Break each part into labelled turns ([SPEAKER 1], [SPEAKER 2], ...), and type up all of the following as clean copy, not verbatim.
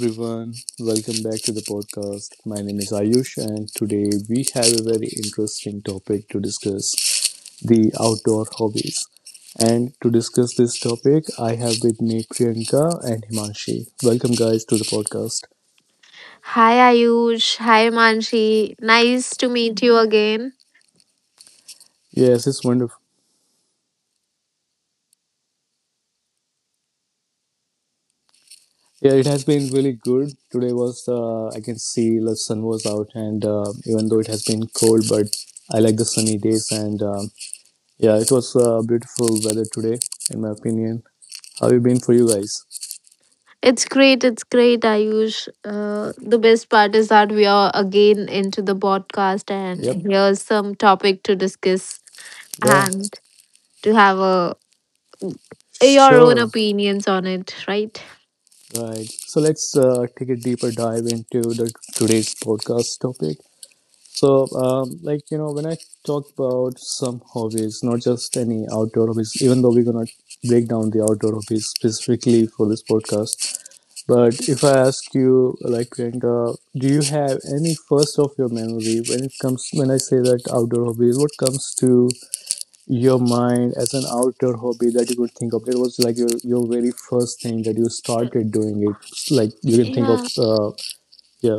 [SPEAKER 1] everyone, welcome back to the podcast. My name is Ayush, and today we have a very interesting topic to discuss: the outdoor hobbies. And to discuss this topic, I have with me Priyanka and Himanshi. Welcome, guys, to the podcast.
[SPEAKER 2] Hi Ayush, hi Manshi. Nice to meet you again.
[SPEAKER 1] Yes, it's wonderful. Yeah, it has been really good. Today was, I can see the sun was out, and even though it has been cold, but I like the sunny days, and yeah, it was beautiful weather today, in my opinion. How have you been for you guys?
[SPEAKER 2] It's great, Ayush. The best part is that we are again into the podcast, and
[SPEAKER 1] Yep.
[SPEAKER 2] here's some topic to discuss
[SPEAKER 1] Yeah.
[SPEAKER 2] and to have a your own
[SPEAKER 1] Sure.
[SPEAKER 2] opinions on it, right?
[SPEAKER 1] Right. So let's take a deeper dive into the today's podcast topic. So, when I talk about some hobbies, not just any outdoor hobbies, even though we're gonna break down the outdoor hobbies specifically for this podcast, but if I ask you, like Priyanka, do you have any first of your memory when it comes when I say that outdoor hobbies? What comes to your mind as an outer hobby that you could think of it was like your very first thing that you started doing it like you can think of
[SPEAKER 2] Yeah.
[SPEAKER 1] yeah,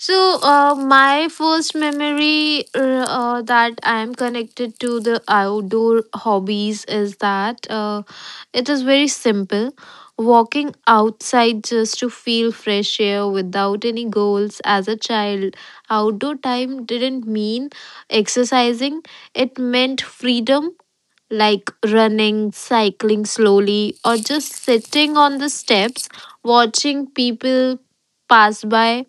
[SPEAKER 2] So, my first memory that I am connected to the outdoor hobbies is that it is very simple. Walking outside just to feel fresh air without any goals as a child, outdoor time didn't mean exercising, it meant freedom. Like running, cycling slowly, or just sitting on the steps, watching people pass by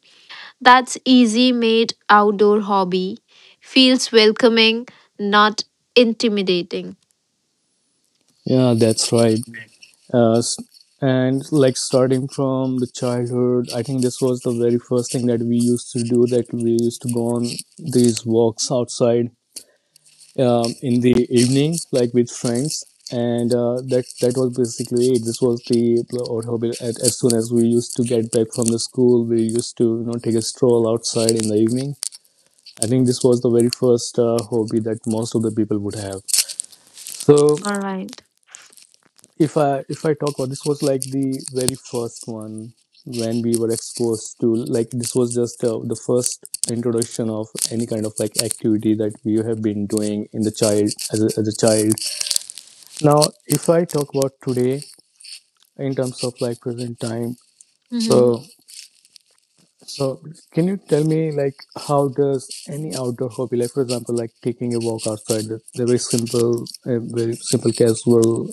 [SPEAKER 2] that's easy made outdoor hobby. Feels welcoming, not intimidating.
[SPEAKER 1] yeah, that's right, uh, s- and like starting from the childhood, I think this was the very first thing that we used to do, that we used to go on these walks outside in the evening, like with friends, and that was basically it. This was the our hobby. At, as soon as we used to get back from the school, we used to take a stroll outside in the evening. I think this was the very first hobby that most of the people would have. So
[SPEAKER 2] All right.
[SPEAKER 1] if I talk about this was like the very first one when we were exposed to like this was just the first introduction of any kind of like activity that we have been doing in the child as a child. Now, if I talk about today in terms of like present time,
[SPEAKER 2] Mm-hmm.
[SPEAKER 1] so, so can you tell me like how does any outdoor hobby, like for example, like taking a walk outside, the very simple casual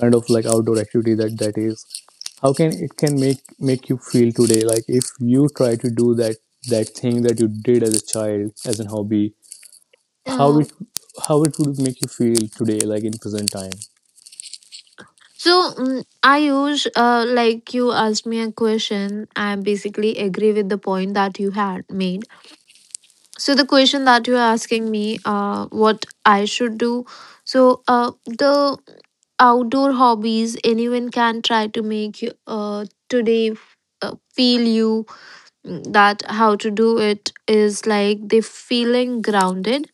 [SPEAKER 1] kind of like outdoor activity that that is, how can it can make you feel today? Like if you try to do that that thing that you did as a child as an hobby, how
[SPEAKER 2] Uh,
[SPEAKER 1] it how it would make you feel today, like in present time?
[SPEAKER 2] I use like you asked me a question. I basically agree with the point that you had made. So the question that you're asking me, what I should do. So the outdoor hobbies anyone can try to make you today feel you that how to do it is like the feeling grounded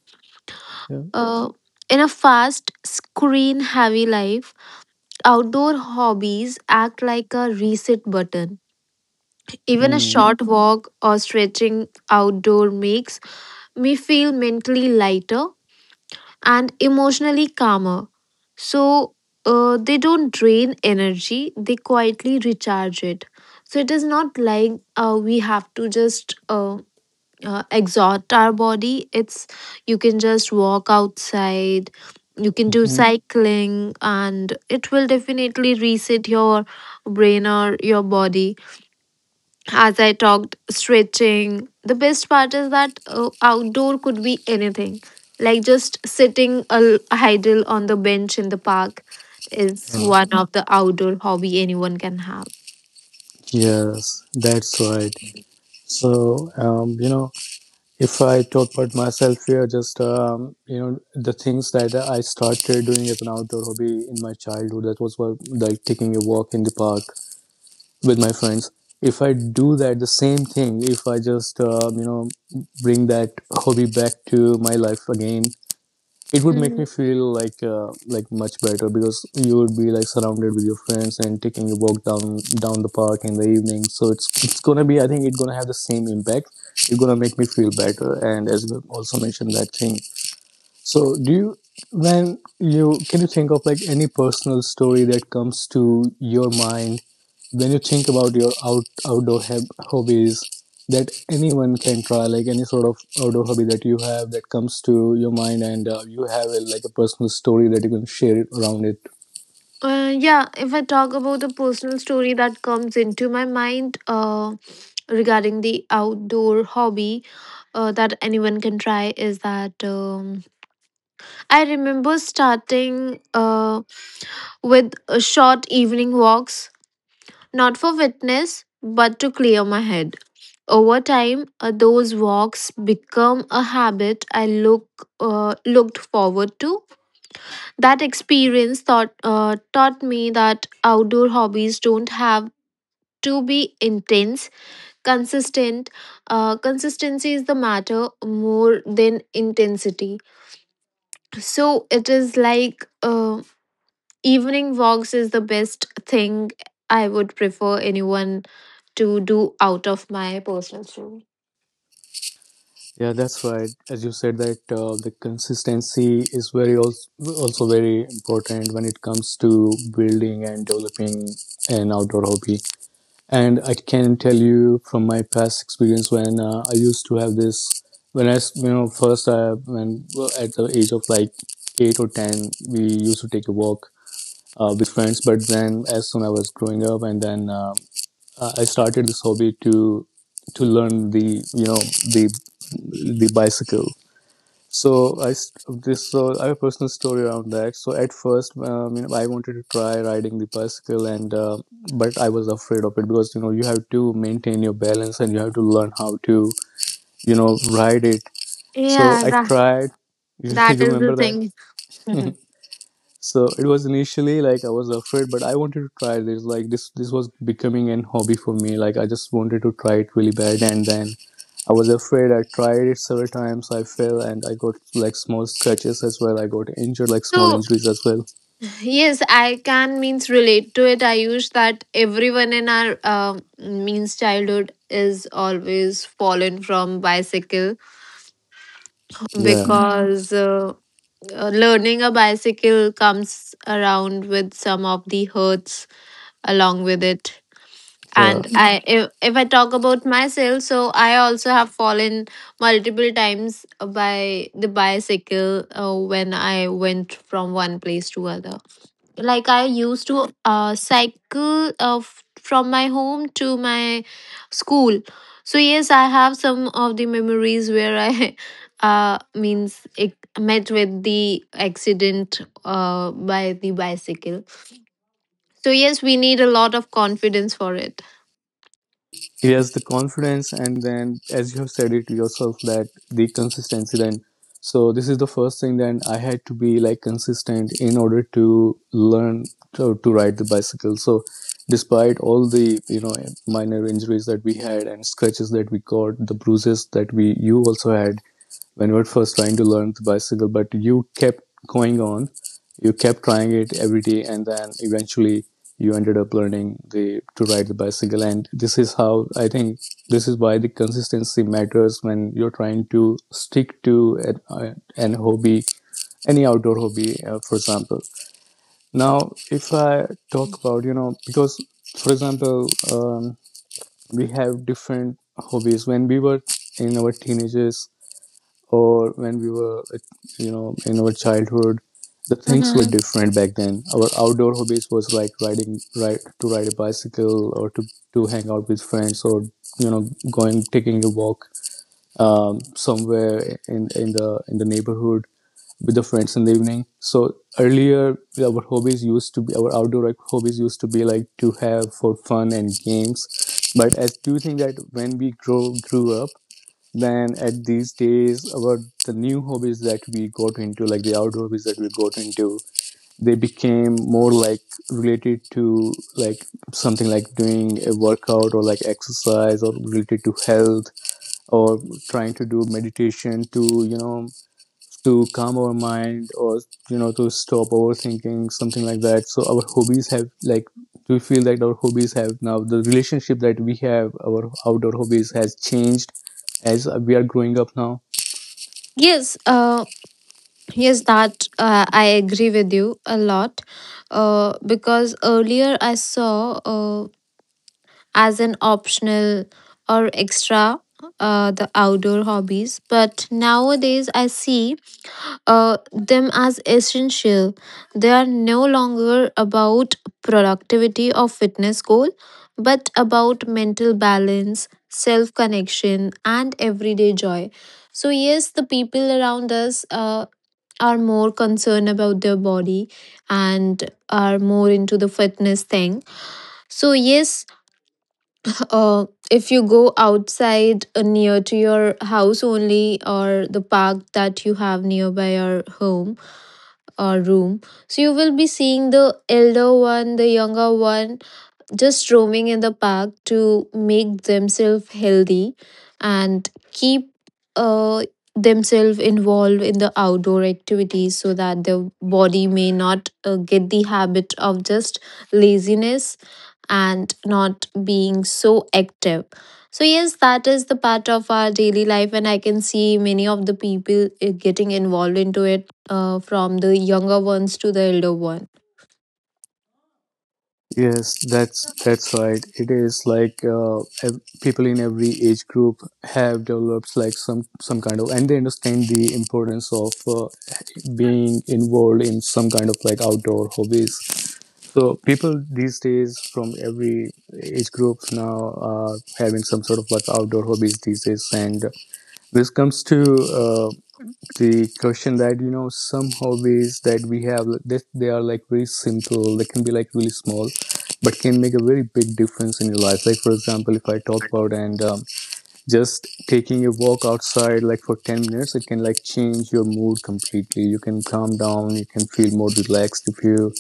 [SPEAKER 1] Yeah.
[SPEAKER 2] uh, in a fast screen heavy life outdoor hobbies act like a reset button even a
[SPEAKER 1] Hmm.
[SPEAKER 2] short walk or stretching outdoor makes me feel mentally lighter and emotionally calmer so they don't drain energy they quietly recharge it so it is not like we have to just exhaust our body it's you can just walk outside you can do
[SPEAKER 1] Mm-hmm.
[SPEAKER 2] cycling and it will definitely reset your brain or your body as I talked stretching the best part is that outdoor could be anything like just sitting idle on the bench in the park is one of the outdoor hobby anyone can have.
[SPEAKER 1] Yes, that's right. So, if I talk about myself here, just, the things that I started doing as an outdoor hobby in my childhood, that was what, like taking a walk in the park with my friends. If I do that, the same thing, if I just, bring that hobby back to my life again, it would make me
[SPEAKER 2] Mhm.
[SPEAKER 1] feel like much better because you would be like surrounded with your friends and taking a walk down the park in the evening, so it's gonna be, I think it's gonna have the same impact. It's gonna make me feel better. And as you also mentioned that thing, so do you, when you, can you think of like any personal story that comes to your mind when you think about your out outdoor heb hobbies that anyone can try, like any sort of outdoor hobby that you have that comes to your mind and you have a, like a personal story that you can share it around it?
[SPEAKER 2] Yeah, if I talk about a personal story that comes into my mind regarding the outdoor hobby that anyone can try is that I remember starting with short evening walks, not for fitness, but to clear my head. Over time, those walks become a habit I looked forward to. That experience taught, taught me that outdoor hobbies don't have to be intense. Consistent, consistency is the matter more than intensity. So it is like evening walks is the best thing I would prefer anyone to do out of my personal story.
[SPEAKER 1] Yeah, that's right. As you said that the consistency is very also, also very important when it comes to building and developing an outdoor hobby. And I can tell you from my past experience when I used to have this. When I, you know, first I when, well, at the age of like eight or ten, we used to take a walk with friends. But then as soon as I was growing up and then I started this hobby to learn the you know the the bicycle, so this so I have a personal story around that. So at first, you know, I wanted to try riding the bicycle, and but I was afraid of it because you know you have to maintain your balance and you have to learn how to you know ride it. So
[SPEAKER 2] Yeah,
[SPEAKER 1] I
[SPEAKER 2] that
[SPEAKER 1] tried. You
[SPEAKER 2] that is the
[SPEAKER 1] remember
[SPEAKER 2] thing.
[SPEAKER 1] that? So it was initially like I was afraid, but I wanted to try this. Like this was becoming an hobby for me. Like I just wanted to try it really bad, and then I was afraid. I tried it several times. I fell, and I got like small scratches as well. I got injured, like small
[SPEAKER 2] So
[SPEAKER 1] injuries as well.
[SPEAKER 2] yes, I can means relate to it. I use that everyone in our means childhood is always fallen from bicycle
[SPEAKER 1] Yeah,
[SPEAKER 2] because learning a bicycle comes around with some of the hurts along with it.
[SPEAKER 1] yeah.
[SPEAKER 2] And I, if I talk about myself, so I also have fallen multiple times by the bicycle when I went from one place to other. Like I used to cycle from my home to my school so yes I have some of the memories where I means it met with the accident by the bicycle so yes we need a lot of confidence for it.
[SPEAKER 1] Yes, the confidence, and then as you have said it yourself, that the consistency. Then, so this is the first thing. Then I had to be like consistent in order to learn to ride the bicycle. So, despite all the you know minor injuries that we had and scratches that we got, the bruises that we you also had, when we were first trying to learn the bicycle, but you kept going on. You kept trying it every day, and then eventually you ended up learning the to ride the bicycle. And this is how I think this is why the consistency matters when you're trying to stick to an hobby, any outdoor hobby, for example. Now, if I talk about you know because for example we have different hobbies when we were in our teenagers or when we were you know in our childhood, the things were
[SPEAKER 2] Mm-hmm.
[SPEAKER 1] different back then. Our outdoor hobbies was like riding ride to ride a bicycle or to hang out with friends or you know going taking a walk somewhere in the neighborhood with the friends in the evening. So earlier our hobbies used to be our outdoor, like, hobbies used to be like to have for fun and games. But as do you think that when we grow grew up, then at these days about the new hobbies that we got into, like the outdoor hobbies that we got into, they became more like related to like something like doing a workout or like exercise or related to health or trying to do meditation to you know to calm our mind or you know to stop overthinking something like that. So our hobbies have like we feel that our hobbies have now the relationship that we have our outdoor hobbies has changed as we are growing up now.
[SPEAKER 2] Yes, uh, yes, that I agree with you a lot. Because earlier I saw as an optional or extra the outdoor hobbies but nowadays I see them as essential they are no longer about productivity or fitness goal but about mental balance self connection and everyday joy so yes the people around us are more concerned about their body and are more into the fitness thing so yes uh, if you go outside near to your house only or the park that you have nearby your home or room so you will be seeing the elder one the younger one just roaming in the park to make themselves healthy and keep uh, themselves involved in the outdoor activities so that their body may not get the habit of just laziness and not being so active. So, yes, that is the part of our daily life, and I can see many of the people getting involved into it from the younger ones to the elder one.
[SPEAKER 1] Yes, that's right. It is like people in every age group have developed like some kind of, and they understand the importance of being involved in some kind of like outdoor hobbies. So people these days from every age groups now are having some sort of like outdoor hobbies these days. And this comes to uh, the question that you know some hobbies that we have that they are like very simple. They can be like really small, but can make a very big difference in your life. Like for example, if I talk about and just taking a walk outside like for 10 minutes, it can like change your mood completely. You can calm down. You can feel more relaxed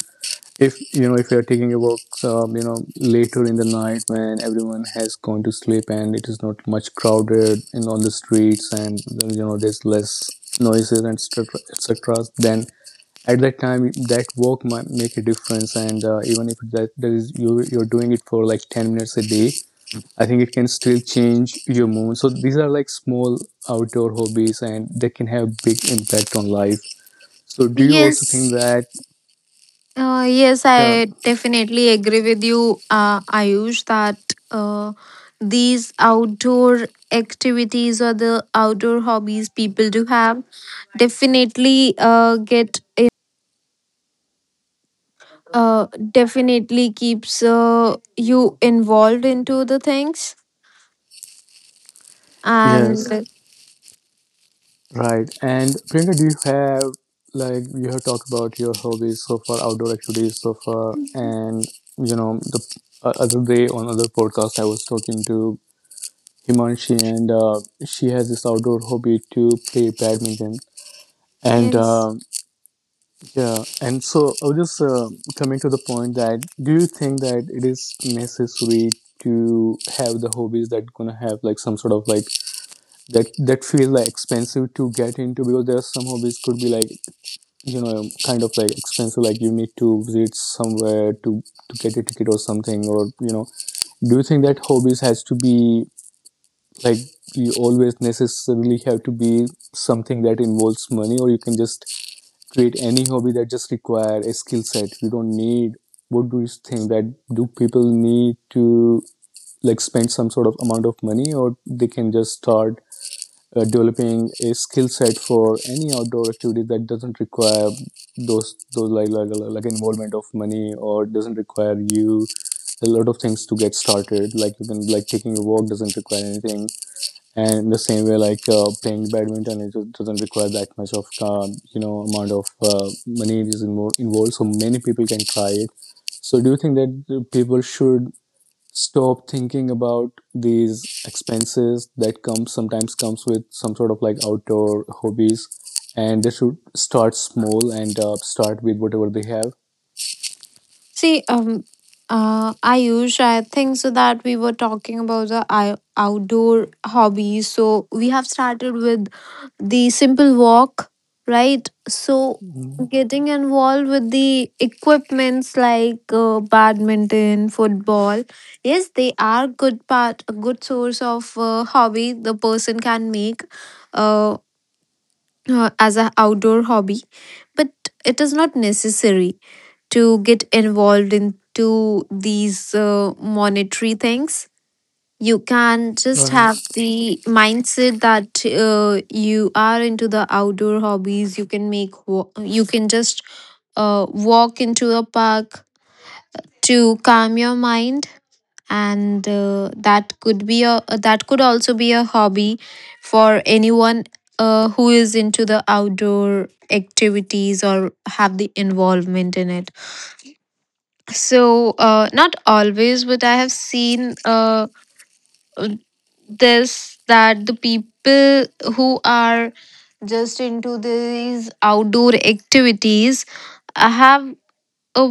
[SPEAKER 1] if you know if you're taking your work you know later in the night when everyone has gone to sleep and it is not much crowded and on the streets and you know there's less noises and etc etc, then at that time that walk might make a difference. And even if that, that is you you're doing it for like 10 minutes a day, I think it can still change your mood. So these are like small outdoor hobbies and they can have big impact on life. So do you also think
[SPEAKER 2] Yes,
[SPEAKER 1] that,
[SPEAKER 2] yes,
[SPEAKER 1] yeah,
[SPEAKER 2] I definitely agree with you, Ayush, that uh, these outdoor activities or the outdoor hobbies people do have definitely get definitely keeps you involved into the things
[SPEAKER 1] yes.
[SPEAKER 2] and
[SPEAKER 1] Right. And Priyanka, do you have like you have talked about your hobbies so far, outdoor activities so far, and you know the other day on other podcast I was talking to Himanshi, and she has this outdoor hobby to play badminton. And
[SPEAKER 2] yes
[SPEAKER 1] uh, yeah, and so I was just coming to the point that, do you think that it is necessary to have the hobbies that gonna have like some sort of like that feel like expensive to get into? Because there are some hobbies could be like, you know, kind of like expensive, like you need to visit somewhere to get a ticket or something, or, you know, do you think that hobbies has to be like, you always necessarily have to be something that involves money, or you can just create any hobby that just require a skill set? You don't need, what do you think that, do people need to like spend some sort of amount of money, or they can just start developing a skill set for any outdoor activity that doesn't require those like involvement of money, or doesn't require you a lot of things to get started? Like, you can like taking a walk doesn't require anything, and in the same way, like, playing badminton, it just doesn't require that much of you know, amount of money is involved, so many people can try it. So do you think that people should stop thinking about these expenses that comes sometimes comes with some sort of like outdoor hobbies, and they should start small and start with whatever they have?
[SPEAKER 2] see Ayush I think so that we were talking about the outdoor hobbies so we have started with the simple walk, right? So,
[SPEAKER 1] Mm,
[SPEAKER 2] getting involved with the equipments like badminton, football, yes, they are good part, a good source of hobby the person can make uh, as an outdoor hobby, but it is not necessary to get involved into these monetary things you can just have
[SPEAKER 1] right.
[SPEAKER 2] the mindset that you are into the outdoor hobbies you can make you can just walk into a park to calm your mind and that could also be a hobby for anyone who is into the outdoor activities or have the involvement in it so not always but I have seen uh, this that the people who are just into these outdoor activities have a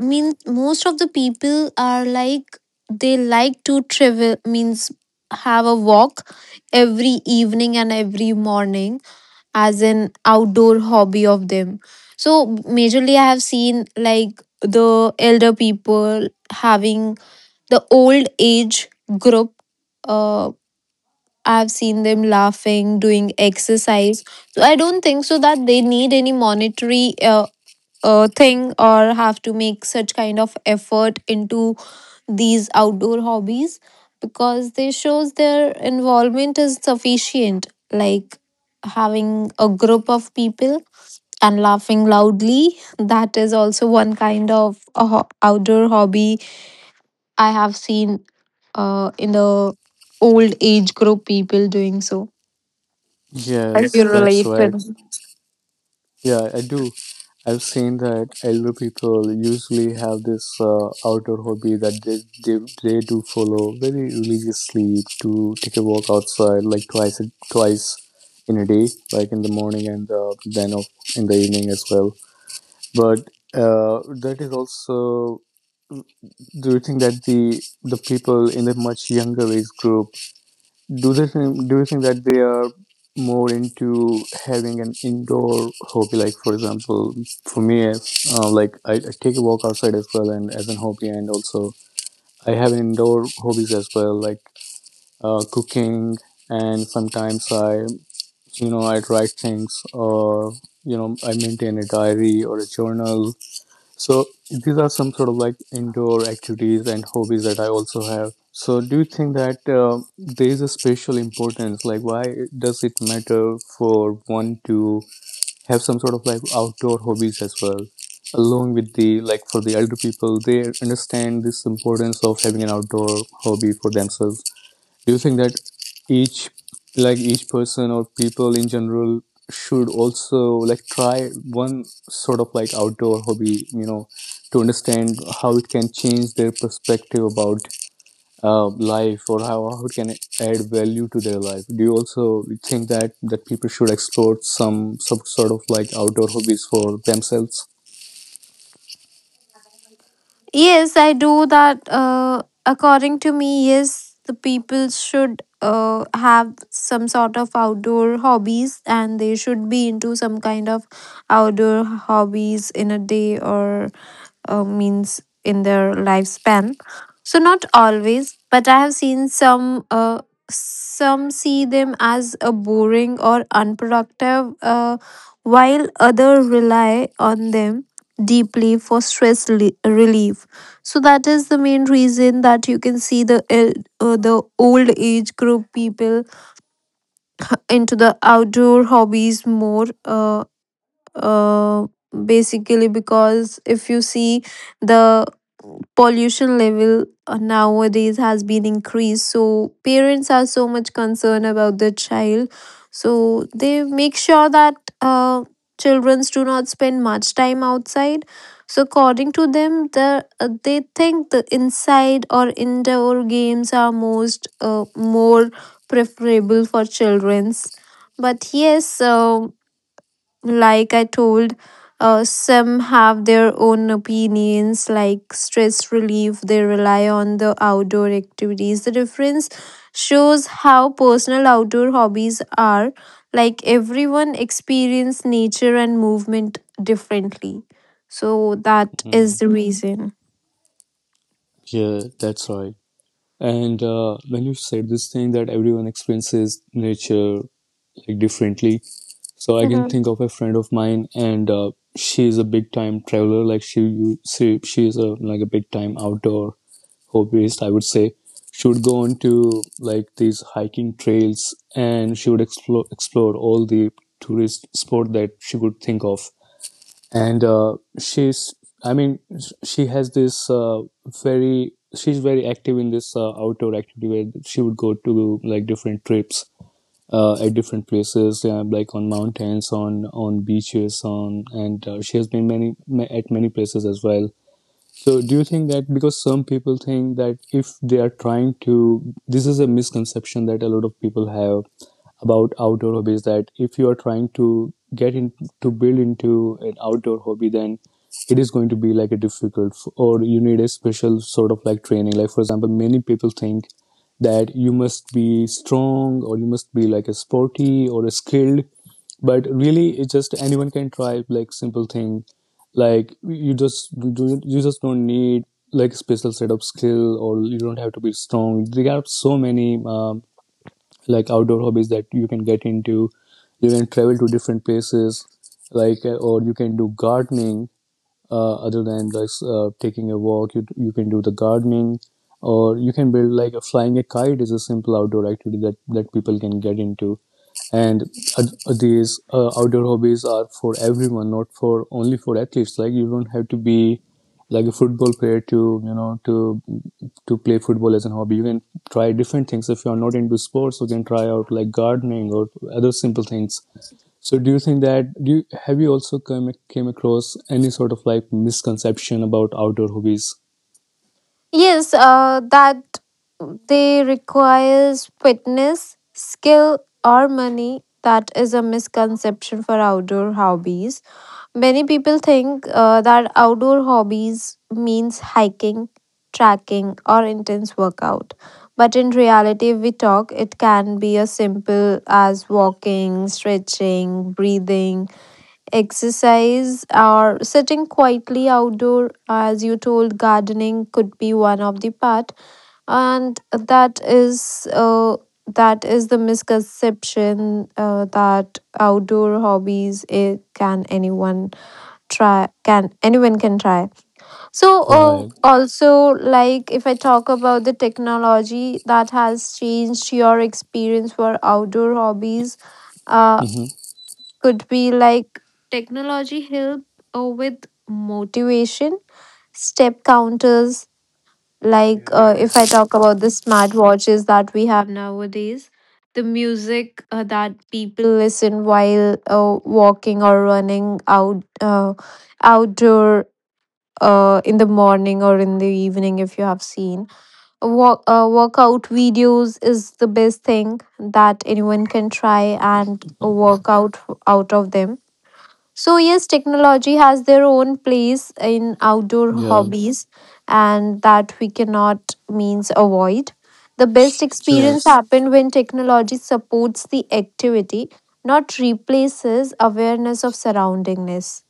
[SPEAKER 2] mean most of the people are like they like to travel means have a walk every evening and every morning as an outdoor hobby of them so majorly I have seen like the elder people having the old age group uh, I've seen them laughing, doing exercise. So I don't think so that they need any monetary thing or have to make such kind of effort into these outdoor hobbies because they shows their involvement is sufficient. Like having a group of people and laughing loudly, that is also one kind of a outdoor hobby I have seen in the old age group people doing so. Yes,
[SPEAKER 1] Yes,
[SPEAKER 2] you
[SPEAKER 1] that's
[SPEAKER 2] relate
[SPEAKER 1] right.
[SPEAKER 2] with.
[SPEAKER 1] Yeah, I do. I've seen that elder people usually have this outdoor hobby that they, they do follow very religiously, to take a walk outside like twice in a day, like in the morning and then in the evening as well. But that is also, do you think that the people in the much younger age group, do they think, do you think that they are more into having an indoor hobby? Like for example, for me, like I take a walk outside as well, and as an hobby, and also I have indoor hobbies as well, like cooking, and sometimes you know, I write things, or you know, I maintain a diary or a journal. So these are some sort of like indoor activities and hobbies that I also have. So do you think that there is a special importance? Like, why does it matter for one to have some sort of like outdoor hobbies as well, along with the, like for the elder people, they understand this importance of having an outdoor hobby for themselves. Do you think that each, like each person or people in general, should also like try one sort of like outdoor hobby, you know, to understand how it can change their perspective about life, or how it can add value to their life? Do you also think that people should explore some sort of like outdoor hobbies for themselves?
[SPEAKER 2] Yes, I do that. According to me, yes, the people should have some sort of outdoor hobbies and they should be into some kind of outdoor hobbies in a day or means in their lifespan. So not always, but I have seen some see them as a boring or unproductive, while others rely on them deeply for stress relief. So that is the main reason that you can see the the old age group people into the outdoor hobbies more. Uh, basically because if you see the pollution level nowadays has been increased so parents are so much concerned about their child so they make sure that uh, children do not spend much time outside so according to them the, they think the inside or indoor games are most more preferable for children's but yes like I told some have their own opinions like stress relief they rely on the outdoor activities the difference shows how personal outdoor hobbies are like everyone experience nature and movement differently so that is
[SPEAKER 1] Mm,
[SPEAKER 2] the Mhm. reason.
[SPEAKER 1] yeah, that's right. And when you said this thing that everyone experiences nature like differently, so I can
[SPEAKER 2] Mhm.
[SPEAKER 1] think of a friend of mine, and she is a big time traveler. Like she is a like a big time outdoor hobbyist, I would say. She would go on to like these hiking trails, and she would explore all the tourist sport that she could think of. And she's, I mean, she has this very, she's very active in this outdoor activity where she would go to like different trips at different places, like on mountains, on beaches, on, and she has been many at many places as well. So, do you think that, because some people think that if they are trying to, this is a misconception that a lot of people have about outdoor hobbies, that if you are trying to get in to build into an outdoor hobby, then it is going to be like a difficult or you need a special sort of like training? Like, for example, many people think that you must be strong, or you must be like a sporty or a skilled, but really it's just anyone can try like simple thing. Like, you just, do you just don't need like special set of skill, or you don't have to be strong. There are so many like outdoor hobbies that you can get into. You can travel to different places, like or you can do gardening, other than just taking a walk. You can do the gardening, or you can build like a flying a kite is a simple outdoor activity that people can get into. And uh, these outdoor hobbies are for everyone, not for only for athletes. Like, you don't have to be like a football player to you know, to play football as a hobby. You can try different things. If you are not into sports, you can try out like gardening or other simple things. So do you think that, do you have, you also come, came across any sort of like misconception about outdoor hobbies?
[SPEAKER 2] Yes that they requires fitness skill or money that is a misconception for outdoor hobbies. Many people think that outdoor hobbies means hiking, trekking, or intense workout. But in reality, if we talk, it can be as simple as walking, stretching, breathing, exercise, or sitting quietly outdoor. As you told, gardening could be one of the part, and that is the misconception that outdoor hobbies it can anyone try can anyone can try so
[SPEAKER 1] Right.
[SPEAKER 2] also like if I talk about the technology that has changed your experience for outdoor hobbies uh
[SPEAKER 1] Mm-hmm.
[SPEAKER 2] could be like technology help with motivation step counters like if I talk about the smartwatches that we have nowadays the music that people listen while walking or running out outdoor in the morning or in the evening if you have seen walk workout videos is the best thing that anyone can try and work out out of them so yes technology has their own place in outdoor
[SPEAKER 1] Yeah.
[SPEAKER 2] hobbies and that we cannot means avoid the best experience
[SPEAKER 1] Yes.
[SPEAKER 2] happen when technology supports the activity not replaces awareness of surroundingness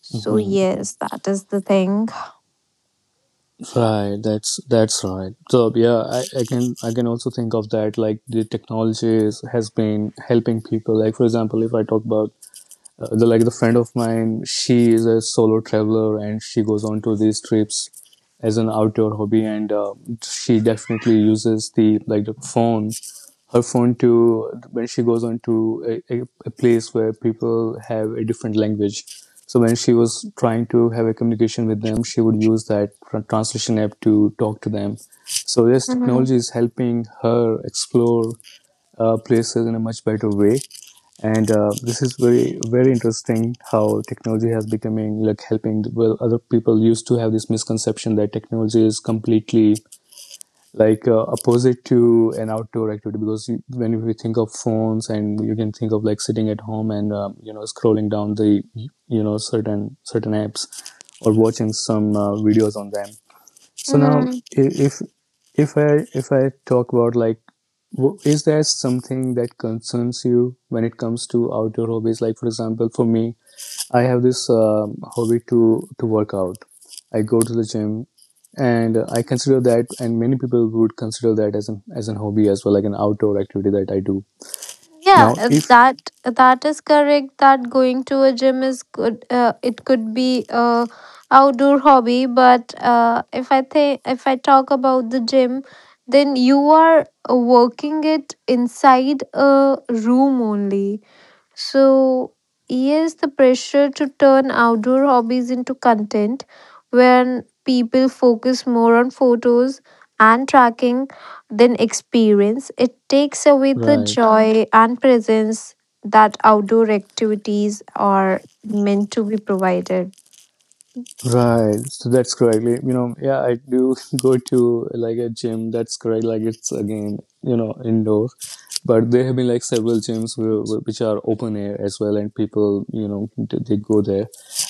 [SPEAKER 2] so
[SPEAKER 1] Mm-hmm.
[SPEAKER 2] yes that is the thing.
[SPEAKER 1] Right. That's right. So yeah, I can also think of that, like the technology is, has been helping people. Like for example, if I talk about the, like the friend of mine, she is a solo traveler, and she goes on to these trips as an outdoor hobby. And she definitely uses the, like the phone, her phone, to when she goes on to a place where people have a different language. So when she was trying to have a communication with them, she would use that translation app to talk to them. So yes, technology is helping her explore places in a much better way. And this is very very interesting, how technology has becoming like helping. Well, other people used to have this misconception that technology is completely like opposite to an outdoor activity, because you, when we think of phones, and you can think of like sitting at home and you know, scrolling down the, you know, certain apps or watching some videos on them. So now,
[SPEAKER 2] Mm-hmm.
[SPEAKER 1] if if I, if I talk about, like, is there something that concerns you when it comes to outdoor hobbies? Like for example, for me, I have this hobby to work out. I go to the gym, and I consider that, and many people would consider that as an, as an hobby as well, like an outdoor activity that I do.
[SPEAKER 2] Yeah,
[SPEAKER 1] Now,
[SPEAKER 2] uh,
[SPEAKER 1] if
[SPEAKER 2] that that is correct. That going to a gym is good. It could be a outdoor hobby, but if I talk about the gym, then you are working it inside a room only. So, yes, the pressure to turn outdoor hobbies into content when people focus more on photos and tracking than experience, it takes away the
[SPEAKER 1] right.
[SPEAKER 2] joy and presence that outdoor activities are meant to be provided.
[SPEAKER 1] Right, so that's correct. Like, you know, yeah, I do go to like a gym. That's correct. Like, it's again, you know, indoor, but there have been like several gyms which are open air as well, and people, you know, they go there,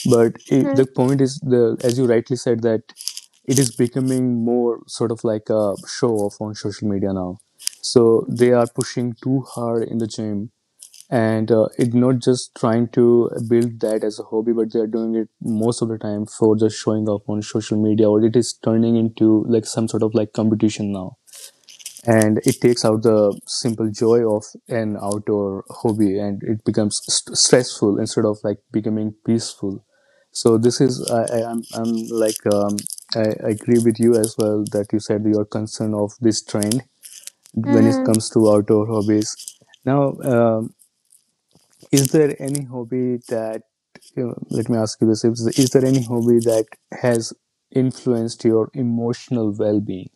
[SPEAKER 1] but it, the point is the, as you rightly said, that it is becoming more sort of like a show off on social media now, so they
[SPEAKER 2] Mm-hmm.
[SPEAKER 1] are pushing too hard in the gym, and it not just trying to build that as a hobby, but they are doing it most of the time for just showing off on social media, or it is turning into like some sort of like competition now, and it takes out the simple joy of an outdoor hobby, and it becomes stressful instead of like becoming peaceful. So this is I'm like, I, I agree with you as well, that you said your concern of this trend when it comes to outdoor hobbies now. Is there any hobby that, you know, let me ask you this, is there any hobby that has influenced your emotional well-being,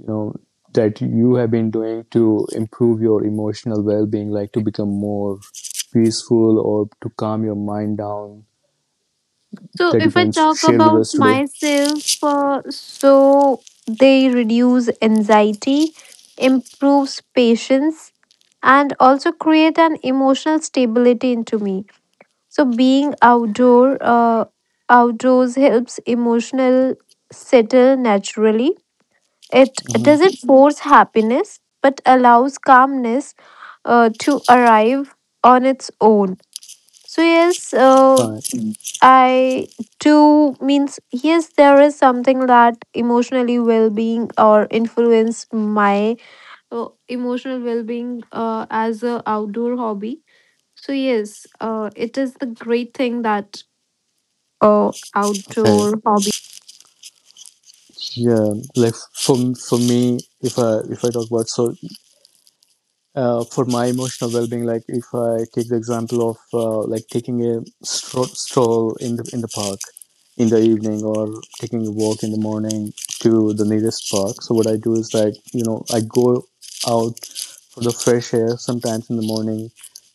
[SPEAKER 1] you know, that you have been doing to improve your emotional well-being, like to become more peaceful or to calm your mind down,
[SPEAKER 2] So
[SPEAKER 1] that you
[SPEAKER 2] if I
[SPEAKER 1] can
[SPEAKER 2] talk
[SPEAKER 1] share with
[SPEAKER 2] about
[SPEAKER 1] us today?
[SPEAKER 2] myself, so they reduce anxiety, improves patience, and also create an emotional stability into me. So being outdoors helps emotional settle naturally. It
[SPEAKER 1] Mm-hmm.
[SPEAKER 2] doesn't force happiness, but allows calmness to arrive on its own. So yes,
[SPEAKER 1] Fine.
[SPEAKER 2] I too means yes, there is something that emotionally well-being or influence my emotional well-being as a outdoor hobby. So yes, it is the great thing that outdoor
[SPEAKER 1] Okay.
[SPEAKER 2] hobby.
[SPEAKER 1] Yeah, like for me, if I talk about, so for my emotional well-being, like if I take the example of like taking a stroll in the park in the evening, or taking a walk in the morning to the nearest park. So what I do is, like, you know, I go out for the fresh air sometimes in the morning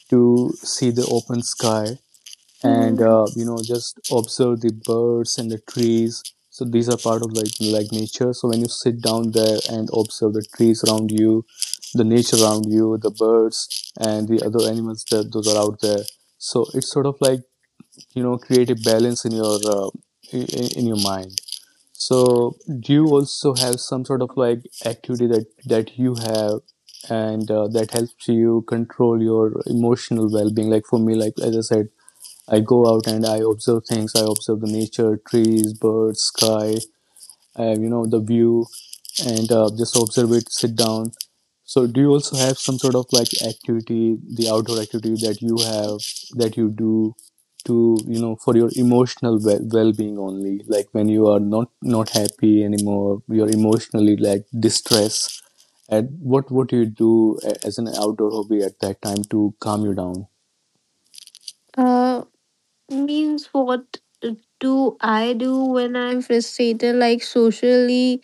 [SPEAKER 1] to see the open sky, and
[SPEAKER 3] Mm-hmm.
[SPEAKER 1] you know, just observe the birds and the trees. So these are part of like nature. So when you sit down there and observe the trees around you, the nature around you, the birds and the other animals that those are out there, so it's sort of like, you know, create a balance in your in your mind. So do you also have some sort of like activity that you have, and that helps you control your emotional well-being? Like for me, like as I said, I go out and I observe things. I observe the nature, trees, birds, sky, you know, the view, and just observe it, sit down. So, do you also have some sort of like activity, the outdoor activity that you have, that you do to, you know, for your emotional well-being only? Like when you are not happy anymore, you're emotionally like distressed. And what do you do as an outdoor hobby at that time to calm you down?
[SPEAKER 3] Uh, means what uh, do I do when I'm frustrated? Like socially,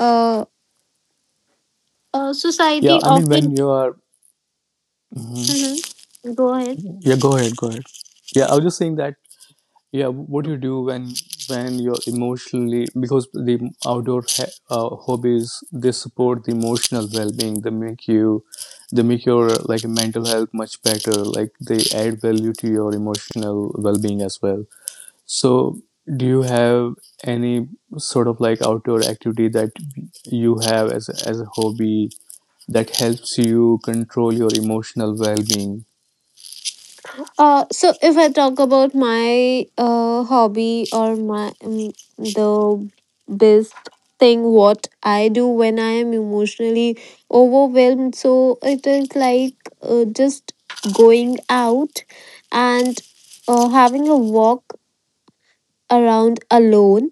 [SPEAKER 3] uh,
[SPEAKER 1] Yeah,
[SPEAKER 3] society
[SPEAKER 1] I mean,
[SPEAKER 3] often.
[SPEAKER 1] when you are, Mhm.
[SPEAKER 3] Mm-hmm. Go ahead.
[SPEAKER 1] Yeah, go ahead, go ahead. Yeah, I was just saying that, yeah, what do you do when you're emotionally, because the outdoor hobbies, they support the emotional well-being. They make you, they make your like mental health much better. Like, they add value to your emotional well-being as well. So, do you have any sort of like outdoor activity that you have as a hobby, that helps you control your emotional well-being?
[SPEAKER 3] So if I talk about my hobby or my the best thing what I do when I am emotionally overwhelmed, so it is like just going out and having a walk around alone,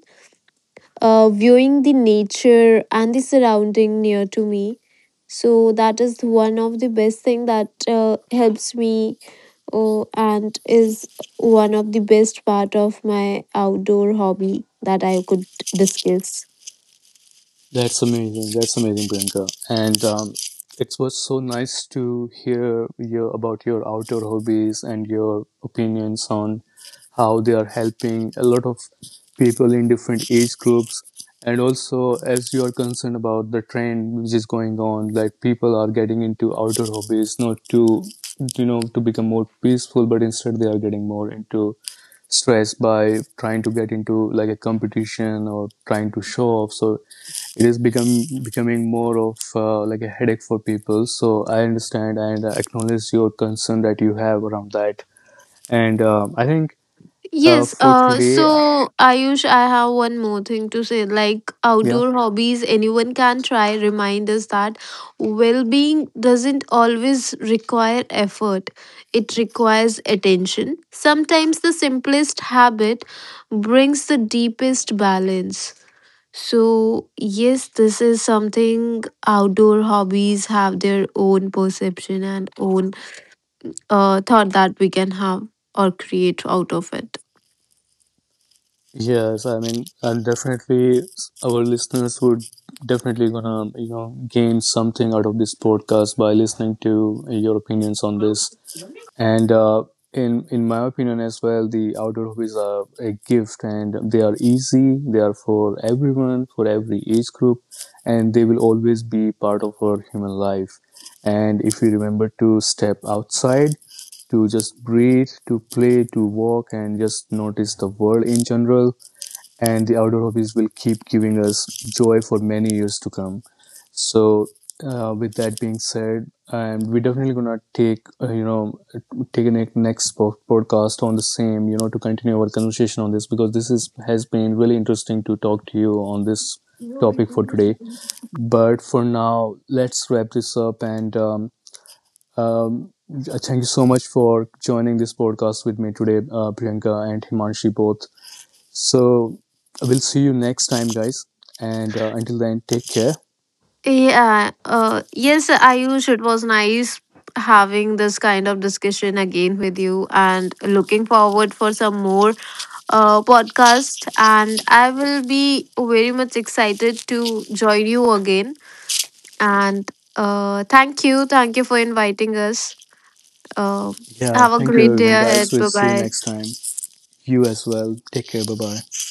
[SPEAKER 3] viewing the nature and the surrounding near to me. So that is one of the best thing that helps me and is one of the best part of my outdoor hobby that I could discuss.
[SPEAKER 1] That's amazing. That's amazing, Priyanka. And it was so nice to hear your, about your outdoor hobbies and your opinions on how they are helping a lot of people in different age groups. And also, as you are concerned about the trend which is going on, like people are getting into outdoor hobbies not to, you know, to become more peaceful, but instead they are getting more into stress by trying to get into like a competition or trying to show off. So it is become becoming more of like a headache for people. So I understand and acknowledge your concern that you have around that. And I think
[SPEAKER 3] Yes,
[SPEAKER 1] for today
[SPEAKER 3] so Ayush, I have one more thing to say. Like
[SPEAKER 1] yeah,
[SPEAKER 3] outdoor hobbies, anyone can try. Remind us that well being doesn't always require effort, it requires attention. Sometimes the simplest habit brings the deepest balance. So, yes, this is something outdoor hobbies have their own perception and own thought that we can have or create out of it.
[SPEAKER 1] yes, I mean, and definitely our listeners would definitely gonna, you know, gain something out of this podcast by listening to your opinions on this. And in my opinion as well, the outdoor hobbies are a gift, and they are easy, they are for everyone, for every age group, and they will always be part of our human life. And if we remember to step outside, to just breathe, to play, to walk, and just notice the world in general, and the outdoor hobbies will keep giving us joy for many years to come. So, with that being said, we're definitely gonna take you know, take a next podcast on the same, you know, to continue our conversation on this, because this is has been really interesting to talk to you on this topic for today. But for now, let's wrap this up. And um, thank you so much for joining this podcast with me today, Priyanka and Himanshi, both. So we'll see you next time, guys. And until then, take care.
[SPEAKER 3] Yeah, yes, Ayush, it was nice having this kind of discussion again with you and looking forward for some more podcast and I will be very much excited to join you again and thank you. Thank you for inviting us. Uh,
[SPEAKER 1] Yeah,
[SPEAKER 3] have a
[SPEAKER 1] thank you,
[SPEAKER 3] great day
[SPEAKER 1] everyone, guys.
[SPEAKER 3] ahead.
[SPEAKER 1] We'll
[SPEAKER 3] Bye
[SPEAKER 1] see you
[SPEAKER 3] bye.
[SPEAKER 1] next time. You as well. Take care. Bye bye.